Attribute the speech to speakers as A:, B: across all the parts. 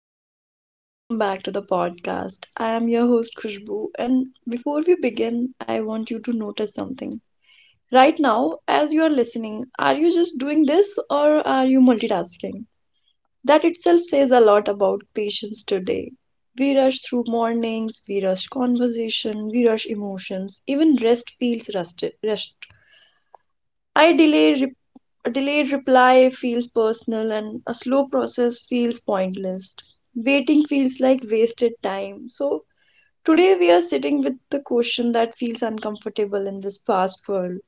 A: Hello everyone, welcome back to the podcast. I am your host Khushbu, and before we begin, I want you to notice something. Right now, as you are listening, are you just doing this or are you multitasking? That itself says a lot about patience today. We rush through mornings, we rush conversation, we rush emotions, even rest feels rusted, rush, I delay re- a delayed reply feels personal and a slow process feels pointless. Waiting feels like wasted time. So today we are sitting with the question that feels uncomfortable in this fast world.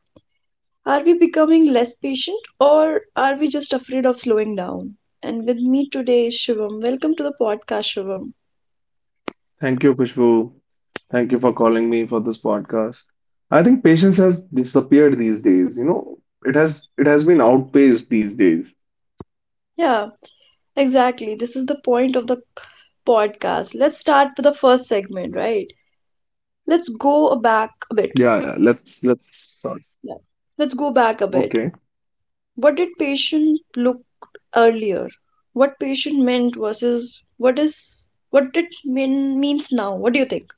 A: Are we becoming less patient or are we just afraid of slowing down? And with me today is Shivam. Welcome to the podcast, Shivam.
B: Thank you, Kushbu. Thank you for calling me for this podcast. I think patience has disappeared these days. It has been outpaced these days.
A: Yeah, exactly. This is the point of the podcast. Let's start with the first segment, right? Let's go back a bit.
B: Yeah, yeah. Let's start.
A: Yeah. Let's go back a bit.
B: Okay.
A: What did patient look earlier? What patient meant versus what it means now? What do you think?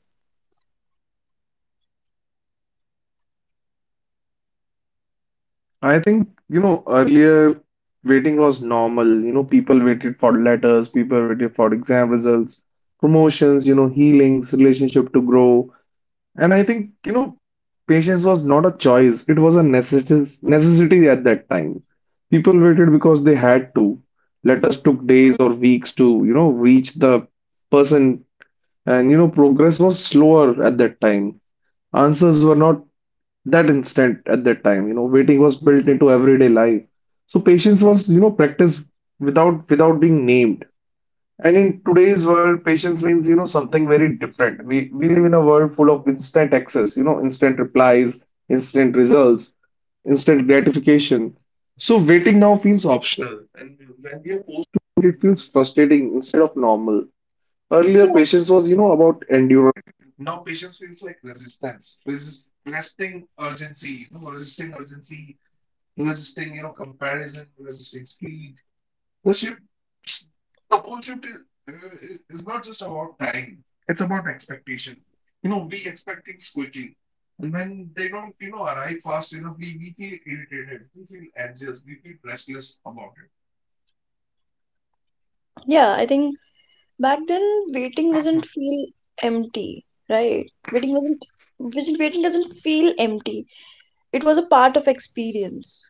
B: I think, earlier waiting was normal. People waited for letters, people waited for exam results, promotions, healings, relationship to grow. And I think, patience was not a choice, it was a necessity at that time. People waited because they had to. Letters took days or weeks to, reach the person, and, progress was slower at that time. Answers were not that instant at that time. Waiting was built into everyday life. So patience was, practiced without being named. And in today's world, patience means, something very different. We live in a world full of instant access, instant replies, instant results, instant gratification. So waiting now feels optional, and when we are forced, it feels frustrating instead of normal. Earlier,
A: Yeah.
B: patience was, about endurance. Now patience feels like resistance, resisting urgency, resisting, comparison, resisting speed because you suppose you to, uh, it's not just about time, it's about expectation. We expect things quickly. And when they don't, arrive fast enough, we feel irritated, we feel anxious, we feel restless about
A: Yeah, I think back then waiting
B: it.
A: wasn't feel empty, right? Waiting wasn't waiting doesn't feel empty. It was a part of experience.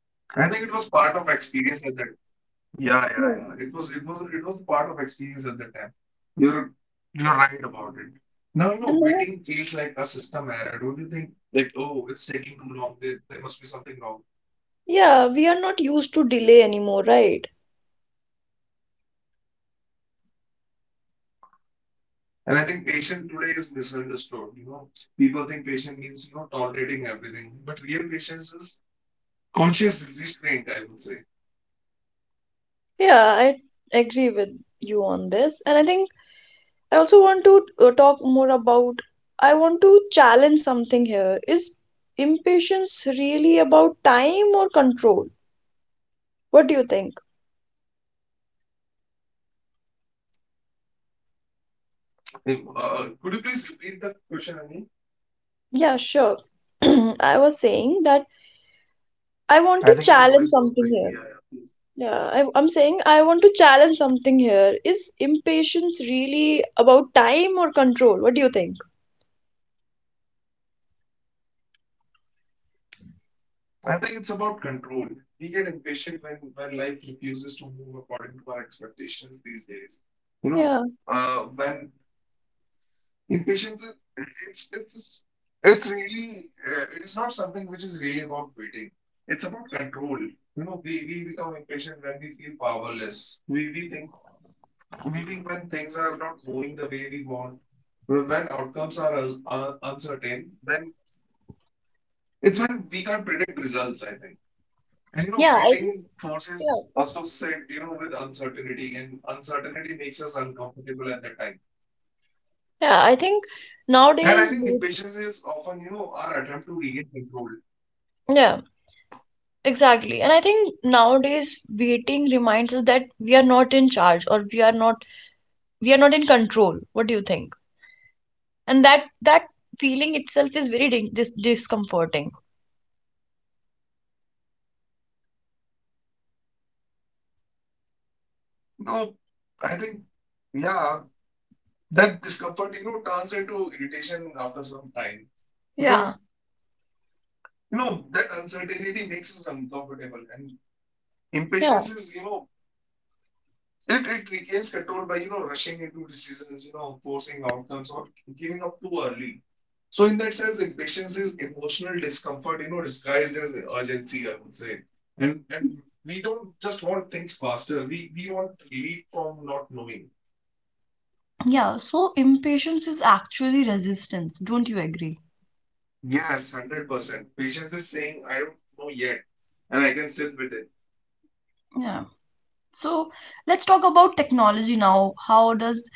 B: I think it was part of experience at that. Yeah, yeah,
A: Yeah.
B: yeah. It was part of experience at that time. You're, you're right about it. Now,
A: And now,
B: waiting feels like a system error, don't you think? Like, oh, it's taking too long. There must be something wrong.
A: yeah, we are not used to delay anymore, right?
B: And I think patient today is misunderstood. People think patient means tolerating everything, but real patience is conscious restraint, I would say.
A: Yeah, I agree with you on this. And I think I also want to talk more about. I want to challenge something here. Is impatience really about time or control? What do you think?
B: Could you please repeat that question again?
A: Yeah, sure. I was saying that I
B: I
A: want
B: think
A: to
B: your voice
A: challenge
B: was
A: something
B: breaking. Yeah,
A: here.
B: yeah, please.
A: Yeah, I'm saying I want to challenge something here. Is impatience really about time or control? What do you think?
B: I think it's about control. We get impatient when life refuses to move according to our expectations these days. You know,
A: Yeah.
B: when Impatience is it's it's it's really it is not something which is really about waiting. It's about control. We become impatient when we feel powerless. We think when things are not going the way we want, when outcomes are uncertain, then it's when we can't predict results, I think. And you know,
A: Yeah, I think.
B: waiting
A: s-
B: forces
A: Yeah.
B: us to sit, with uncertainty, and uncertainty makes us uncomfortable at that time.
A: Yeah, I think
B: And I
A: nowadays.
B: think
A: Both-
B: impatience is often, our attempt to regain control.
A: Yeah. Exactly. And I think nowadays waiting reminds us that we are not in charge or we are not in control. What do you think? And that feeling itself is very discomforting.
B: No, I think, yeah, that discomfort, turns into irritation after some time
A: Yeah.
B: because, that uncertainty makes us uncomfortable and
A: Yeah.
B: impatience is, it regains control by, rushing into decisions, forcing outcomes or giving up too early. So in that sense, impatience is emotional discomfort, disguised as urgency, I would say. And we don't just want things faster. We want relief from not knowing.
A: Yeah, so impatience is actually resistance. Don't you agree?
B: Yes, 100%. Patience is saying, I don't know yet, and I can sit with it.
A: Yeah. So let's talk about technology now.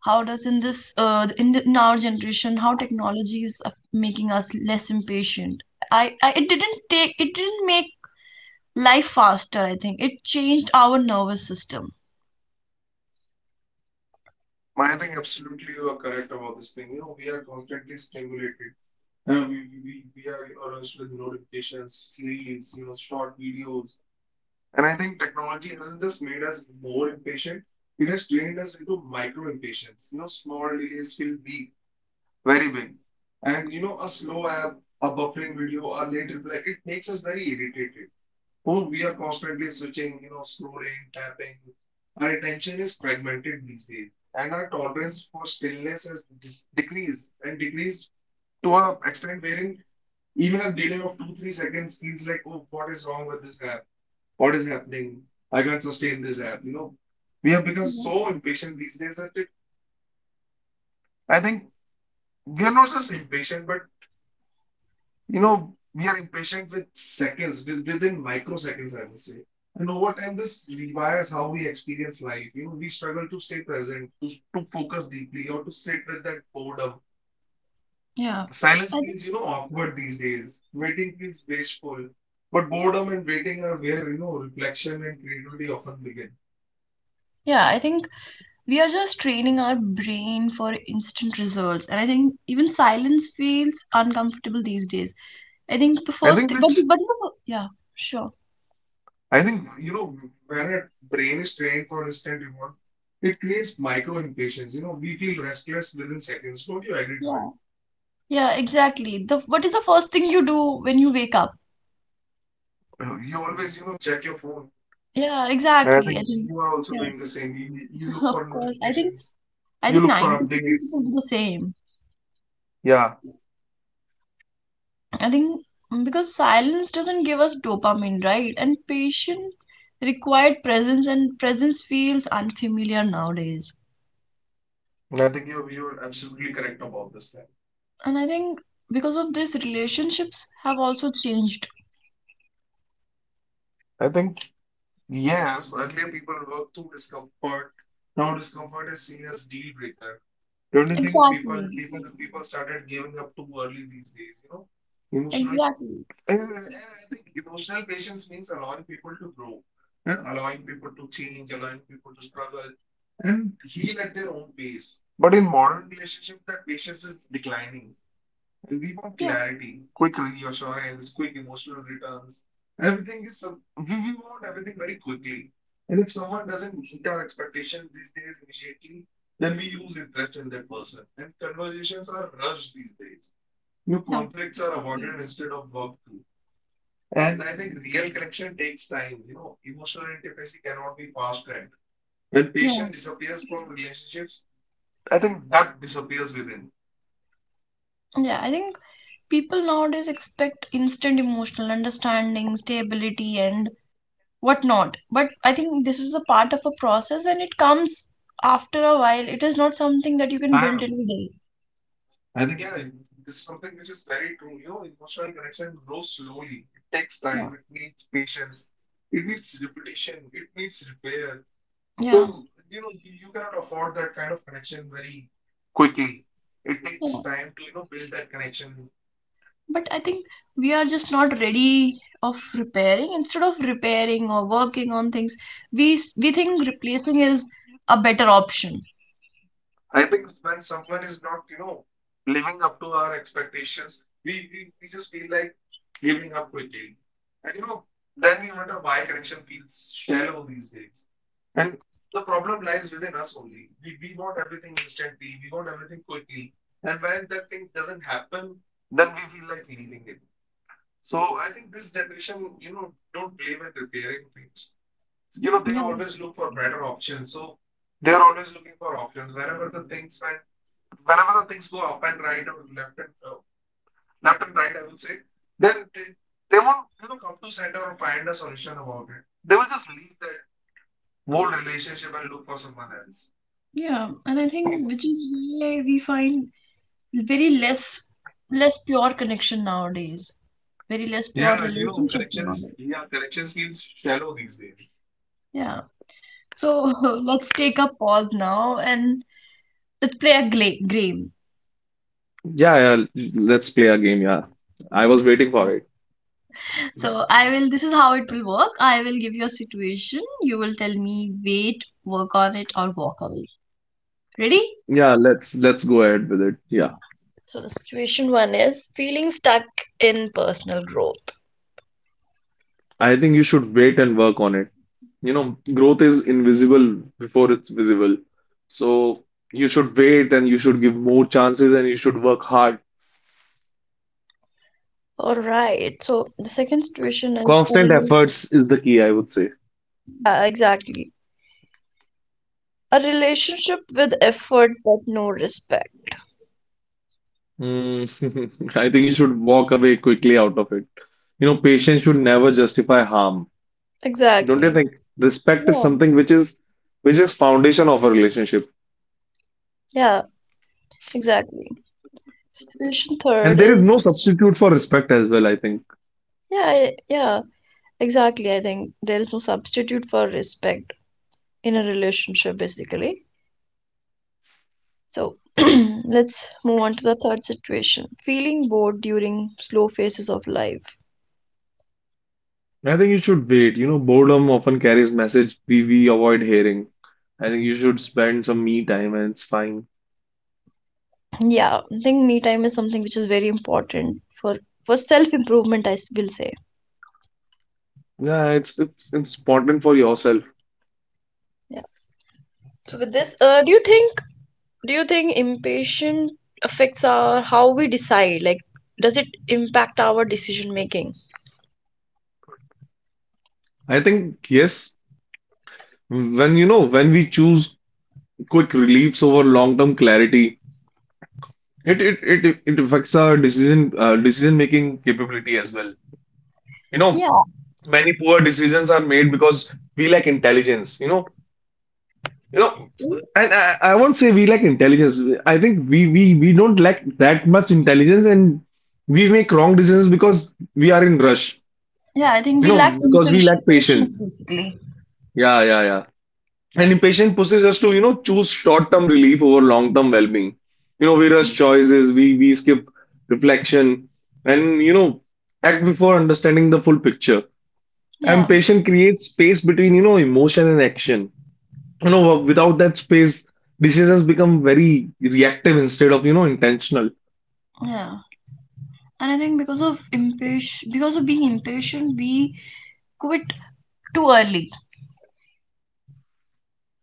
A: How does in this in the, in our generation how technology is making us less impatient? I it didn't take it didn't make life faster, I think. It changed our nervous system.
B: I think absolutely you are correct about this thing. We are constantly stimulated. We are rushed with notifications, reels, short videos. And I think technology hasn't just made us more impatient, it has trained us into micro impatience. Small delays feel big, very big. And, a slow app, a buffering video, a late reply, it makes us very irritated. Oh, we are constantly switching, scrolling, tapping. Our attention is fragmented these days, and our tolerance for stillness has decreased and decreased to an extent wherein even a delay of two, three seconds feels like, oh, what is wrong with this app? What is happening? I can't sustain this app. We have become so impatient these days that I think we are not just impatient, but we are impatient with seconds, within microseconds, I would say. And over time, this rewires how we experience life. We struggle to stay present, to focus deeply, or to sit with that boredom.
A: Yeah. Yeah.
B: Silence
A: I think
B: feels, awkward these days. Waiting feels wasteful. But boredom and waiting are where, reflection and creativity often begin.
A: Yeah, I think we are just training our brain for instant results. And I think even silence feels uncomfortable these days. I think the
B: I
A: first
B: think
A: thing,
B: which,
A: but the, yeah, sure.
B: I think, when our brain is trained for instant reward, it creates micro impatience. We feel restless within seconds. Don't you agree to
A: Yeah.
B: it?
A: Yeah, exactly. The what is the first thing you do when you wake up?
B: You always, check your phone.
A: Yeah,
B: And I
A: exactly. I
B: think
A: think
B: you are also
A: yeah,
B: doing the same. You look for
A: of course. I think
B: notifications,
A: I
B: you
A: think
B: look for
A: 90%
B: updates.
A: people do the same.
B: Yeah,
A: I think mm, because silence doesn't give us dopamine, right? And patience required presence, and presence feels unfamiliar nowadays.
B: and I think you're absolutely correct about this thing.
A: And I think because of this, relationships have also changed.
B: I think, yes, earlier people worked through discomfort. Now discomfort is seen as deal breaker. Don't you think people
A: Exactly.
B: people people started giving up too early these days, you know? Emotional.
A: Exactly.
B: And I think emotional patience means allowing people to grow, and allowing people to change, allowing people to struggle, and heal at their own pace. But in modern relationship, that patience is declining, and we want
A: Yeah.
B: clarity, quick reassurance, quick emotional returns. We want everything very quickly, and if someone doesn't meet our expectations these days immediately, then we lose interest in that person, and conversations are rushed these days. New
A: Yeah.
B: conflicts are avoided instead of worked through, and I think real connection takes time. Emotional intimacy cannot be fast tracked. When
A: Yeah.
B: patient disappears from relationships, I think that disappears within.
A: Yeah. I think people nowadays expect instant emotional understanding, stability, and whatnot. But I think this is a part of a process, and it comes after a while. It is not something that you can build
B: Ah,
A: in a day.
B: I think yeah, this is something which is very true. Emotional connection grows slowly. It takes
A: Yeah.
B: time. It needs patience. It needs repetition. It needs repair.
A: Yeah.
B: So you know, you cannot afford that kind of connection very quickly. It
A: Yeah,
B: takes time to you know build that connection.
A: but I think we are just not ready of repairing. Instead of repairing or working on things, we think replacing is a better option.
B: I think when someone is not, living up to our expectations, we just feel like giving up quickly. And you know, then we wonder why connection feels shallow these days. And the problem lies within us only. We want everything instantly, we want everything quickly. And when that thing doesn't happen, then we feel like leaving it. So I think this generation, don't believe in repairing things. They
A: Yeah,
B: always look for better options. So they are always looking for options. Whenever the things go up and right or left and left and right, I would say, then they won't you know come to center or find a solution about it. They will just leave that whole relationship and look for someone else.
A: yeah, and I think which is why we find very less pure connection nowadays, very less pure
B: Yeah, you know,
A: relationship nowadays.
B: yeah, connections feels shallow these days.
A: Yeah. So let's take a pause now and let's play a game.
B: Yeah, yeah, let's play a game. Yeah, I was waiting
A: So
B: for it.
A: So I will this is how it will work. I will give you a situation. You will tell me wait, work on it or walk away. Ready? Yeah. So the situation one is feeling stuck in personal growth.
B: I thought on it. You know, well, so you should
A: All right. So the second situation is a
B: compensate.
A: exactly a relationship with effort but no respect.
B: Mm, I think you should walk away quickly. You know, patience should never justify harm. Don't you
A: Exactly.
B: think respect is
A: Yeah.
B: something which is foundation of a relationship,
A: Yeah. Exactly. Situation
B: and
A: third
B: there is no
A: is
B: substitute for respecting. I think.
A: yeah yeah exactly. I think there is no substitute for respect in a relationship basically. So let's move on to the third situation, feeling bored during slow phases of life.
B: I think. I think.
A: Yeah, I think me time is something which is very important for self improvement, I will say.
B: Yeah, it's it's important for yourself.
A: Yeah, so with this, do you think impatient affects our how we decide, like does it impact our decision making?
B: I think yes. When you know when we choose quick reliefs over long-term clarity, it it it affects our decision decision-making capability as well. You
A: Yeah,
B: know, Many poor decisions are made because we lack intelligence. You know, and I won't say we lack intelligence. I think we don't lack that much intelligence, and we make wrong decisions because we are in rush.
A: yeah, I think
B: You
A: we
B: know,
A: lack
B: because we
A: impatience,
B: lack
A: patience
B: patience.
A: basically.
B: Yeah, yeah, yeah. And impatience pushes us to you know choose short-term relief over long-term well-being. We rush choices, we skip reflection, and you know act before understanding the full picture. And
A: Yeah,
B: patience creates space between you know emotion and action. You know, without that space, decisions become very reactive instead of, intentional.
A: yeah, and I think because of impatient, because of being impatient, we quit too early.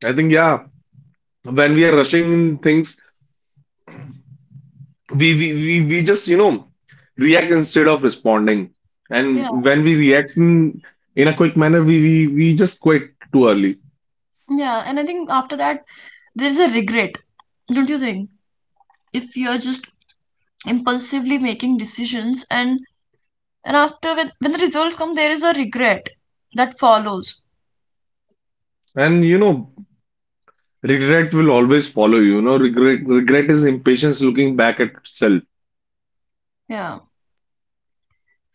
B: I think, yeah, when we are rushing in things, we just, react instead of responding.
A: Yeah,
B: And when we react in a quick manner, we just quit too early.
A: yeah, and I think after that there is a regret, don't you think? If you're just impulsively making decisions, and after when the results come, there is a regret that follows.
B: And you know, regret will always follow you. You know, regret is impatience looking back at itself.
A: Yeah,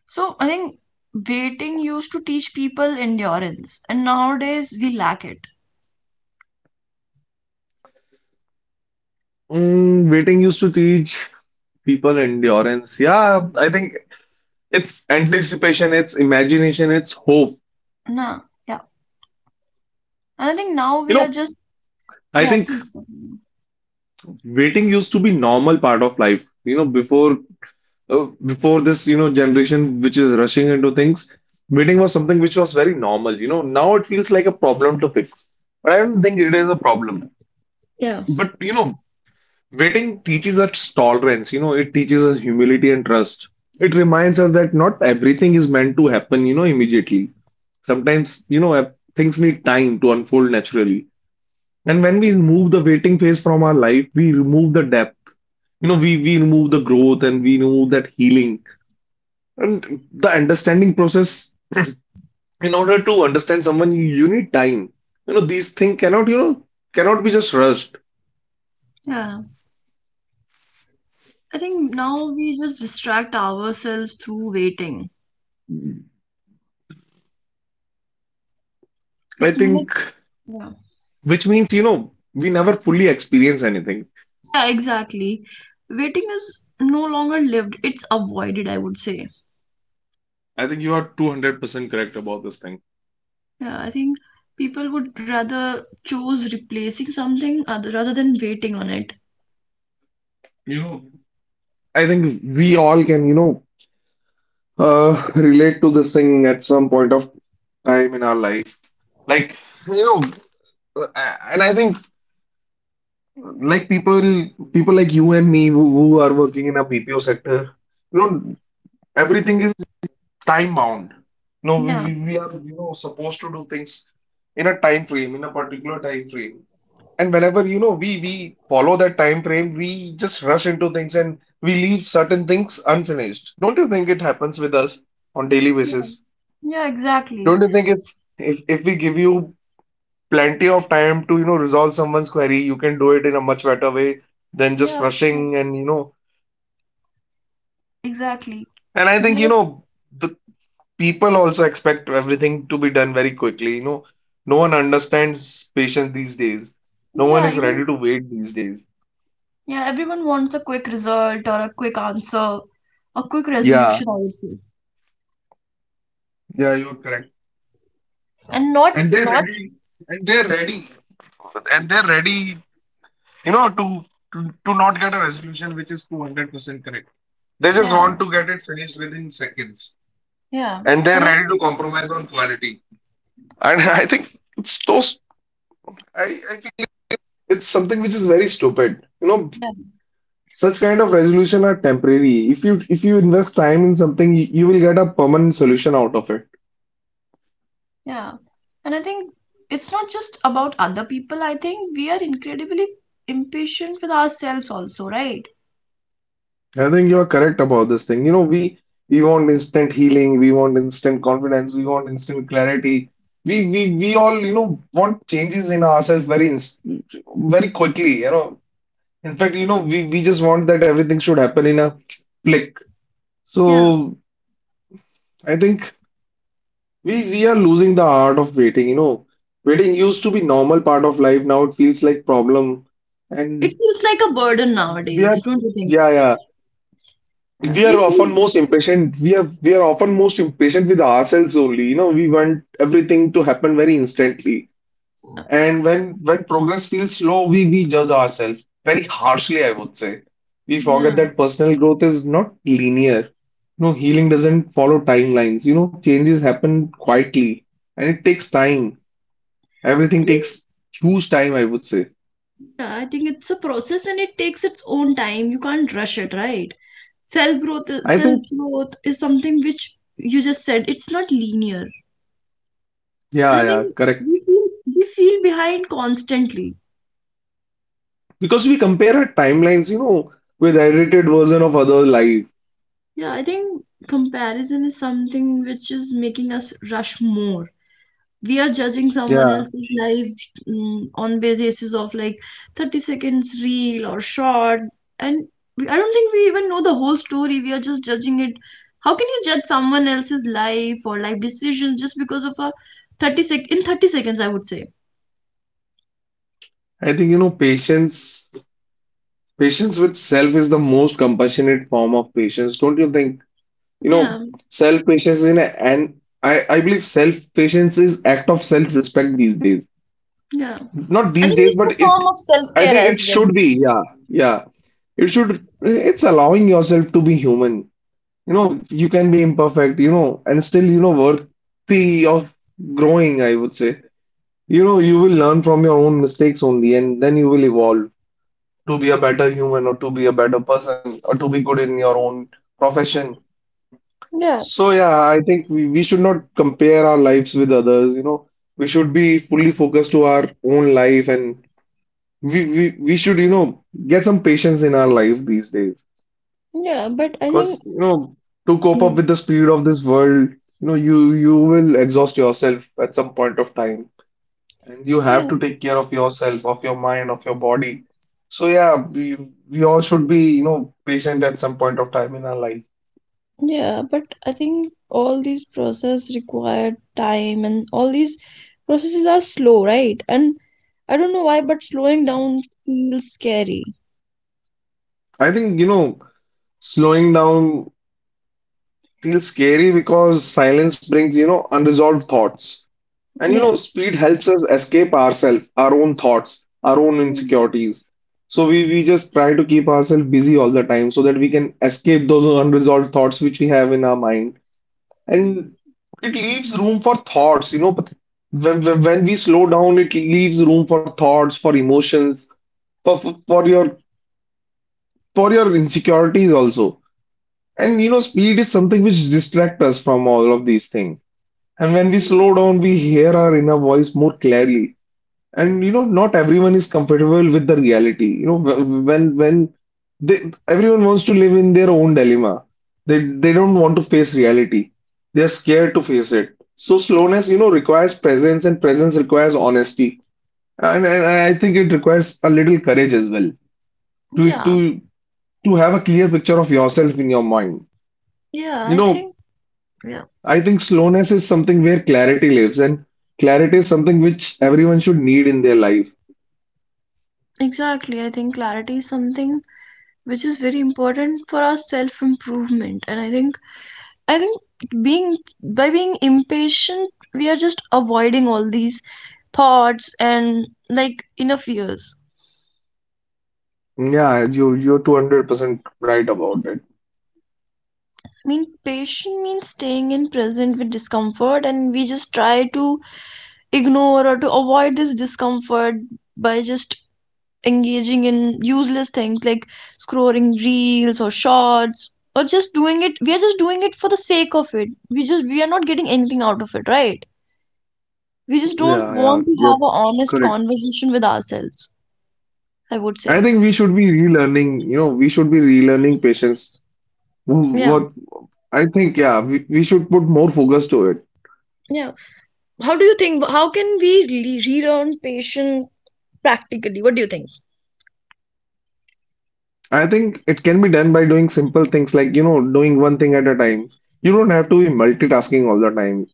A: so I think waiting used to teach people endurance, and nowadays we lack it.
B: Mm, waiting used to teach people endurance. Yeah, I think it's anticipation, it's imagination, it's hope.
A: Nah, yeah, and I think now
B: You
A: we are
B: know,
A: just
B: I
A: yeah,
B: think
A: please continue.
B: waiting used to be normal part of life. You know, before before this, generation which is rushing into things, waiting was something which was very normal. You know, now it feels like a problem to fix, but I don't think it is a problem.
A: Yeah,
B: But you know, waiting teaches us tolerance. You know, it teaches us humility and trust. It reminds us that not everything is meant to happen, immediately. Sometimes, things need time to unfold naturally. And when we remove the waiting phase from our life, we remove the depth, we remove the growth and we remove that healing and the understanding process. In order to understand someone, you need time. You know these things cannot you know cannot be just rushed.
A: yeah. I think now we just distract ourselves through waiting,
B: I
A: which means,
B: think,
A: yeah,
B: which means, we never fully experience anything.
A: yeah, exactly. Waiting is no longer lived, it's avoided, I would say.
B: I think you are 200% correct about this thing.
A: Yeah, I think people would rather choose replacing something other, rather than waiting on it.
B: you know I think we all can, relate to this thing at some point of time in our life, like you know and I think, like people people like you and me who are working in a BPO sector, you know, everything is time bound. You know, we,
A: Yeah.
B: we, we are, you know, supposed to do things in a time frame, in a particular time frame. And whenever, you know, we follow that time frame, we just rush into things and we leave certain things unfinished. Don't you think it happens with us on daily
A: Yeah,
B: basis?
A: yeah, exactly.
B: Don't you think if we give you plenty of time to, you know, resolve someone's query, you can do it in a much better way than
A: Yeah,
B: just
A: of course,
B: rushing and, you know.
A: exactly.
B: And I
A: We
B: think,
A: are,
B: you know, the people also expect everything to be done very quickly. You know, no one understands patience these days. No one
A: yeah,
B: is ready
A: even,
B: to wait these days.
A: yeah, everyone wants a quick result or a quick answer, a quick
B: Yeah.
A: resolution, I would say.
B: Yeah, you're correct.
A: And not,
B: And they're
A: not,
B: ready. And they're ready. And they're ready, you know, to to not get a resolution which is 200% correct. They just
A: yeah,
B: want to get it finished within seconds.
A: yeah,
B: And they're
A: and I
B: ready to compromise on quality. And I think it's those. I, I feel like it's something which is very stupid. You know,
A: yeah,
B: such kind of resolution are temporary. If you invest time in something, you will get a permanent solution out of it.
A: yeah, and I think it's not just about other people. I think we are incredibly impatient with ourselves also, right?
B: I think you are correct about this thing. You know, we want instant healing, we want instant confidence, we want instant clarity. We all, you know, want changes in ourselves very inst very quickly, you know. In fact, you know, we just want that everything should happen in a flick.
A: Yeah,
B: So I think we are losing the art of waiting, you know. Waiting used to be normal part of life. Now it feels like problem.
A: it
B: And
A: feels like a burden
B: we are,
A: nowadays, don't you think?
B: yeah, yeah.
A: Yeah,
B: We
A: we
B: are often
A: feel
B: most impatient. We are often most impatient with ourselves only. You know, we want everything to happen very instantly. And when progress feels slow, we judge ourselves very harshly, I would say. We
A: yeah.
B: forget that personal growth is not linear. You know, healing doesn't follow timelines. You know, changes happen quietly and it takes time.
A: I
B: Everything
A: think-
B: takes huge time, I would say.
A: Yeah, I think it's a process and it takes its own time. You can't rush it, right? Self growth,
B: I
A: self
B: think,
A: growth is something which you just said. It's not linear,
B: yeah,
A: and I think
B: yeah, correct.
A: we feel we feel behind constantly.
B: Because we compare our timelines, you know, with edited version of other life.
A: Yeah, I think comparison is something which is making us rush more. We are judging someone
B: Yeah.
A: else's life mm, on basis of like 30 seconds reel or short, and we, I don't think we even know the whole story. We are just judging it. How can you judge someone else's life or life decisions just because of a 30 seconds, I would say.
B: I think, you know, patience with self is the most compassionate form of patience, don't you think? You
A: Yeah,
B: know, self-patience is in a, and I believe self-patience is act of self-respect these days.
A: yeah.
B: Not
A: I
B: these
A: think
B: days,
A: it's a
B: but it,
A: form of
B: I
A: self-care
B: think it
A: as well.
B: should be, yeah, yeah. It's allowing yourself to be human. You know, you can be imperfect, you know, and still, you know, worthy of growing, I would say. You know, you will learn from your own mistakes only, and then you will evolve to be a better human or to be a better person or to be good in your own profession.
A: Yeah,
B: So yeah, I think we should not compare our lives with others, you know. We should be fully focused to our own life and we should, you know, get some patience in our life these days.
A: yeah, but I think
B: Because, you know, to cope
A: yeah.
B: up with the speed of this world, you know, you will exhaust yourself at some point of time. And you have
A: Yeah,
B: to take care of yourself, of your mind, of your body. So yeah, we all should be, you know, patient at some point of time in our life.
A: yeah, but I think all these process require time and all these processes are slow, right? And I don't know why, but slowing down feels scary.
B: I think, you know, slowing down feels scary because silence brings, you know, unresolved thoughts. And, you
A: Yeah.
B: know, speed helps us escape ourselves, our own thoughts, our own
A: Mm,
B: insecurities. So we just try to keep ourselves busy all the time so that we can escape those unresolved thoughts which we have in our mind. And it leaves room for thoughts, you know, but when we slow down, it leaves room for thoughts, for emotions, for, for your for your insecurities also. And you know, speed is something which distracts us from all of these things. And when we slow down, we hear our inner voice more clearly. And you know, not everyone is comfortable with the reality. You know, when they, everyone wants to live in their own dilemma. They don't want to face reality. They are scared to face it. So slowness, you know, requires presence, and presence requires honesty. And I think it requires a little courage as well to
A: yeah.
B: to have a clear picture of yourself in your mind.
A: Yeah,
B: You
A: I
B: know,
A: think yeah.
B: I think slowness is something where clarity lives, and clarity is something which everyone should need in their life.
A: Exactly. I think clarity is something which is very important for our self-improvement. And I think being by being impatient, we are just avoiding all these thoughts and like enough years.
B: Yeah, you're 200% right about it.
A: I mean, patient means staying in present with discomfort, and we just try to ignore or to avoid this discomfort by just engaging in useless things like scrolling reels or shorts or just doing it. We are just doing it for the sake of it. We are not getting anything out of it, right? We just don't
B: Yeah, yeah,
A: want to have
B: you're
A: an honest
B: correct.
A: conversation with ourselves. I would
B: I
A: say,
B: think we should be relearning, you know, we should be relearning patience. Wh-
A: yeah,
B: What I think, yeah, we should put more focus to it.
A: yeah. How do you think? How can we relearn patience practically? What do you think?
B: I think it can be done by doing simple things like, you know, doing one thing at a time. You don't have to be multitasking all the time.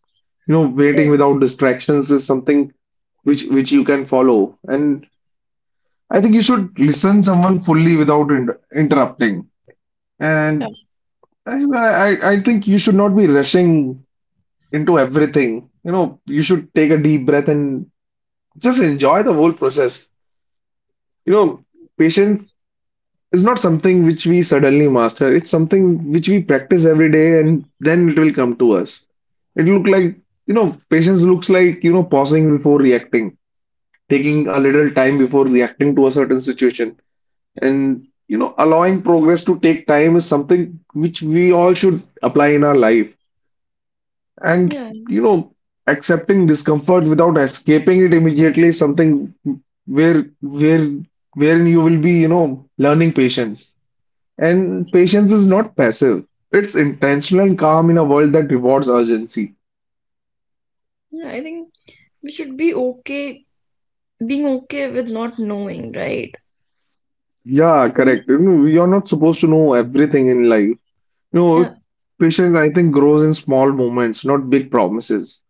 B: You know, waiting
A: Yeah,
B: without distractions is something which you can follow. And I think you should listen someone fully without interrupting. And
A: yeah.
B: I, I think you should not be rushing into everything. You know, you should take a deep breath and just enjoy the whole process. You know, patience is not something which we suddenly master. It's something which we practice every day and then it will come to us. It look like you know Patience looks like, you know, pausing before reacting, taking a little time before reacting to a certain situation. And, you know, allowing progress to take time is something which we all should apply in our life. And,
A: Yeah.
B: you know, accepting discomfort without escaping it immediately is something where, where, wherein you will be, you know, learning patience. And patience is not passive. It's intentional and calm in a world that rewards urgency.
A: Yeah, I think we should be okay being okay with not knowing, right?
B: Yeah, correct. You
A: Mhm.
B: know, you're not supposed to know everything in life. You
A: Yeah,
B: know, patience, I think, grows in small moments, not big promises.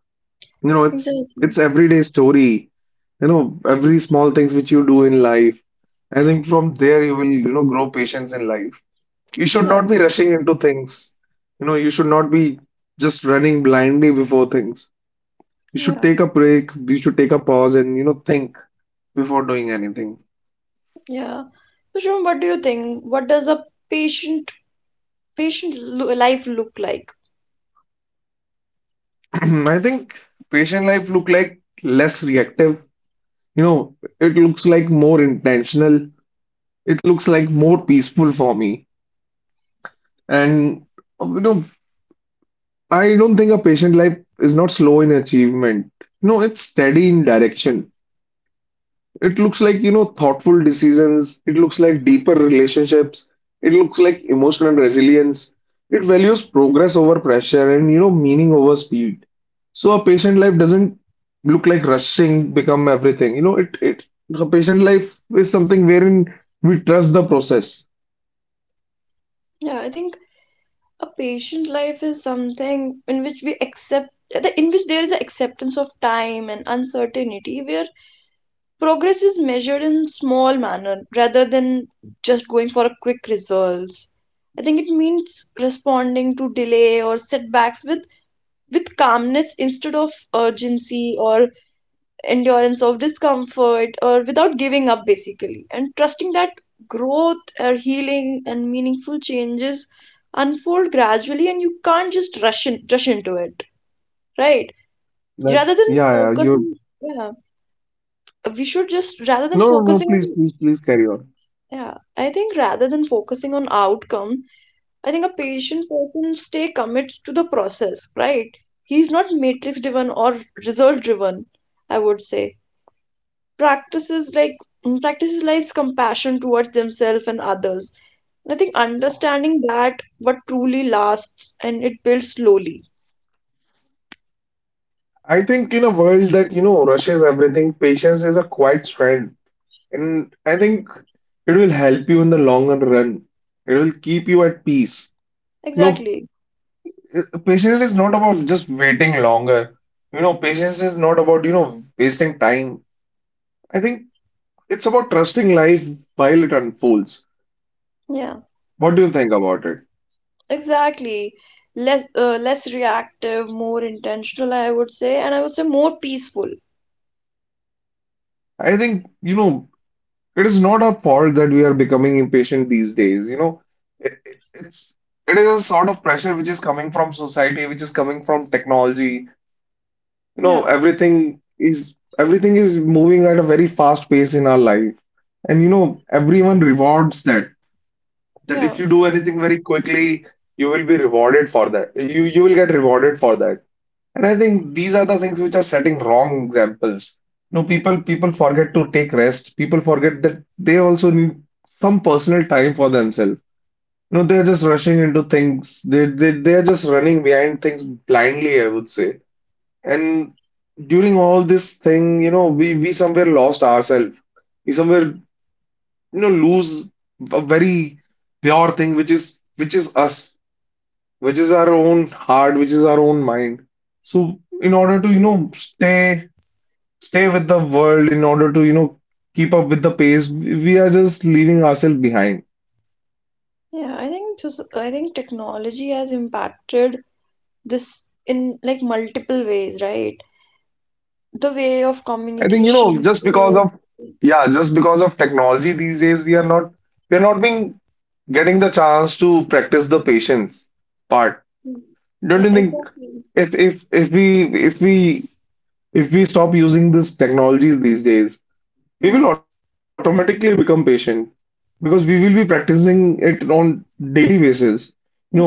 B: You know, it's
A: exactly.
B: everyday story. You know, every small things which you do in life, I think from there you will, you know, grow patience in life. You should
A: Yeah,
B: not be rushing into things. You know, you should not be just running blindly before things. You should
A: yeah,
B: take a break, you should take a pause and, you know, think before doing anything.
A: yeah. Bishram, what do you think? What does a patient life look like?
B: I think patient life look like less reactive. You know, it looks like more intentional. It looks like more peaceful for me. And, you know, I don't think a patient life is not slow in achievement. No, it's steady in direction. It looks like, you know, thoughtful decisions. It looks like deeper relationships. It looks like emotional resilience. It values progress over pressure and, you know, meaning over speed. So a patient life doesn't look like rushing become everything. You know, it a patient life is something wherein we trust the process.
A: Yeah, I think a patient life is something in which we accept the in which there is an acceptance of time and uncertainty where progress is measured in small manner rather than just going for a quick results. I think it means responding to delay or setbacks with calmness instead of urgency or endurance of discomfort or without giving up basically and trusting that growth or healing and meaningful changes unfold gradually and you can't just rush into it, right?
B: That
A: rather than
B: yeah, yeah, you're.
A: focusing yeah Rather than
B: No, no,
A: focusing
B: please,
A: on
B: please, please carry on.
A: yeah, I think rather than focusing on outcome, I think a patient person stay commits to the process, right? He's not matrix driven or result driven, I would say. Practices like mm, practices like compassion towards themselves and others. I think understanding that what truly lasts and it builds slowly.
B: I think in a world that, you know, rushes everything, patience is a quiet strength. And I think it will help you in the long run. It will keep you at peace. You know,
A: Exactly.
B: patience is not about just waiting longer. You know, patience is not about, you know, wasting time. I think it's about trusting life while it unfolds.
A: Yeah,
B: What do you think about it?
A: exactly. Less less reactive, more intentional, I would say, and I would say more peaceful.
B: I think, you know, it is not our fault that we are becoming impatient these days. You know, it's it is a sort of pressure which is coming from society, which is coming from technology. You know,
A: Yeah,
B: everything is moving at a very fast pace in our life, and you know, everyone rewards that. That if
A: yeah.
B: you do anything very quickly, you will be rewarded for that. You will get rewarded for that. And I think these are the things which are setting wrong examples. No, people forget to take rest. People forget that they also need some personal time for themselves. No, they're just rushing into things. They're just running behind things blindly, I would say. And during all this thing, you know, we somewhere lost ourselves. We somewhere, you know, lose a very pure thing, which is us, which is our own heart, which is our own mind. So in order to, you know, stay with the world, in order to, you know, keep up with the pace, we are just leaving ourselves behind.
A: Yeah, I think just I think technology has impacted this in like multiple ways, right? The way of
B: I think, you know,
A: communication.
B: just because of, yeah, just because of technology these days, we are not being getting the chance to practice the patience part. Don't
A: Yeah,
B: you think
A: exactly.
B: if if we stop using these technologies these days, we
A: Yeah,
B: will automatically become patient because we will be practicing it on daily basis. You know,
A: yeah,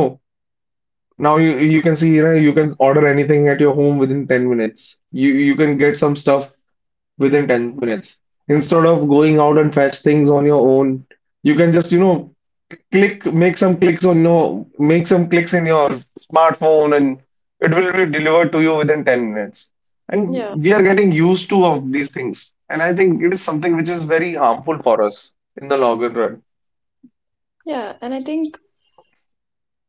B: now you can see, right? You can order anything at your home within 10 minutes. You can get some stuff within 10 minutes. Instead of going out and fetch things on your own, you can just, you know, click, make some clicks on no, make some clicks in your smartphone, and it will be delivered to you within 10 minutes.
A: yeah,
B: And we are getting used to of these things. And I think it is something which is very harmful for us in the longer run.
A: yeah. And I think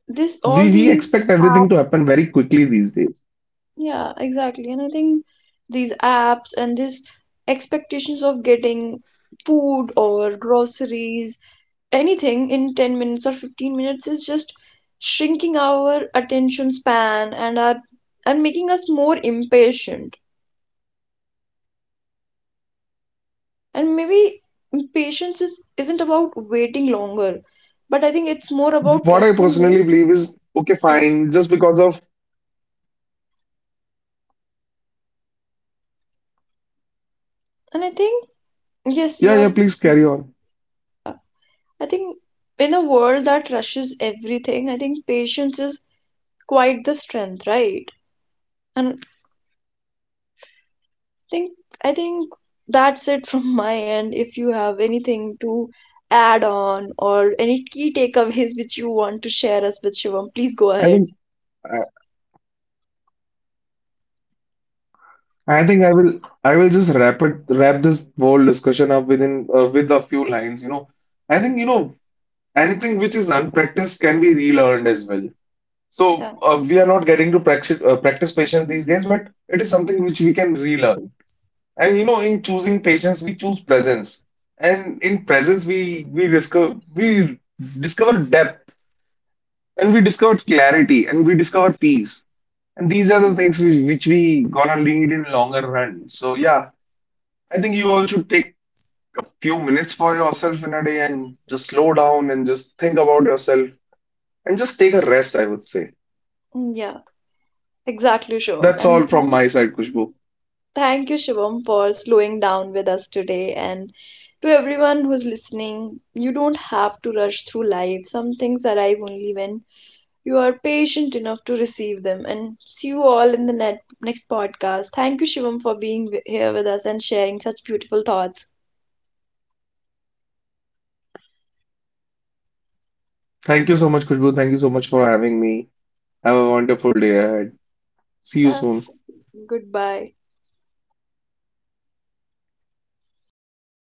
A: this all
B: We
A: these
B: expect everything to
A: apps.
B: happen very quickly these days.
A: Yeah, exactly. And I think these apps and this expectations of getting food or groceries anything in 10 minutes or 15 minutes is just shrinking our attention span and our and making us more impatient and maybe impatience is, isn't about waiting longer but I think it's more about
B: What I
A: trusting
B: personally
A: life
B: believe is okay,
A: yeah
B: fine, just because of
A: and I think yes you
B: yeah,
A: are
B: yeah, please carry on.
A: I think in a world that rushes everything I think patience is quite the strength, right? And think I think that's it from my end. If you have anything to add on or any key takeaways which you want to share us with Shivam, please
B: I
A: go
B: think
A: ahead.
B: I, I think I will just wrap it wrap this whole discussion up within, with a few lines. You know, I think, you know, anything which is unpracticed can be relearned as well. So
A: Yeah.
B: we are not getting to practice practice patience these days, but it is something which we can relearn. And you know, in choosing patience, we choose presence, and in presence, we discover depth, and we discover clarity, and we discover peace. And these are the things which, we gonna need in longer run. So yeah, I think you all should take a few minutes for yourself in a day and just slow down and just think about yourself and just take a rest, I would say.
A: Mm, yeah, exactly, Shivam.
B: That's all from my side, Kushbu.
A: Thank you, Shivam, for slowing down with us today. And to everyone who's listening, you don't have to rush through life. Some things arrive only when you are patient enough to receive them. And see you all in the next podcast. Thank you, Shivam, for being here with us and sharing such beautiful thoughts.
B: Thank you so much, Kushbu. Thank you so much for having me. Have a wonderful day ahead. See you
A: Yeah,
B: soon.
A: goodbye.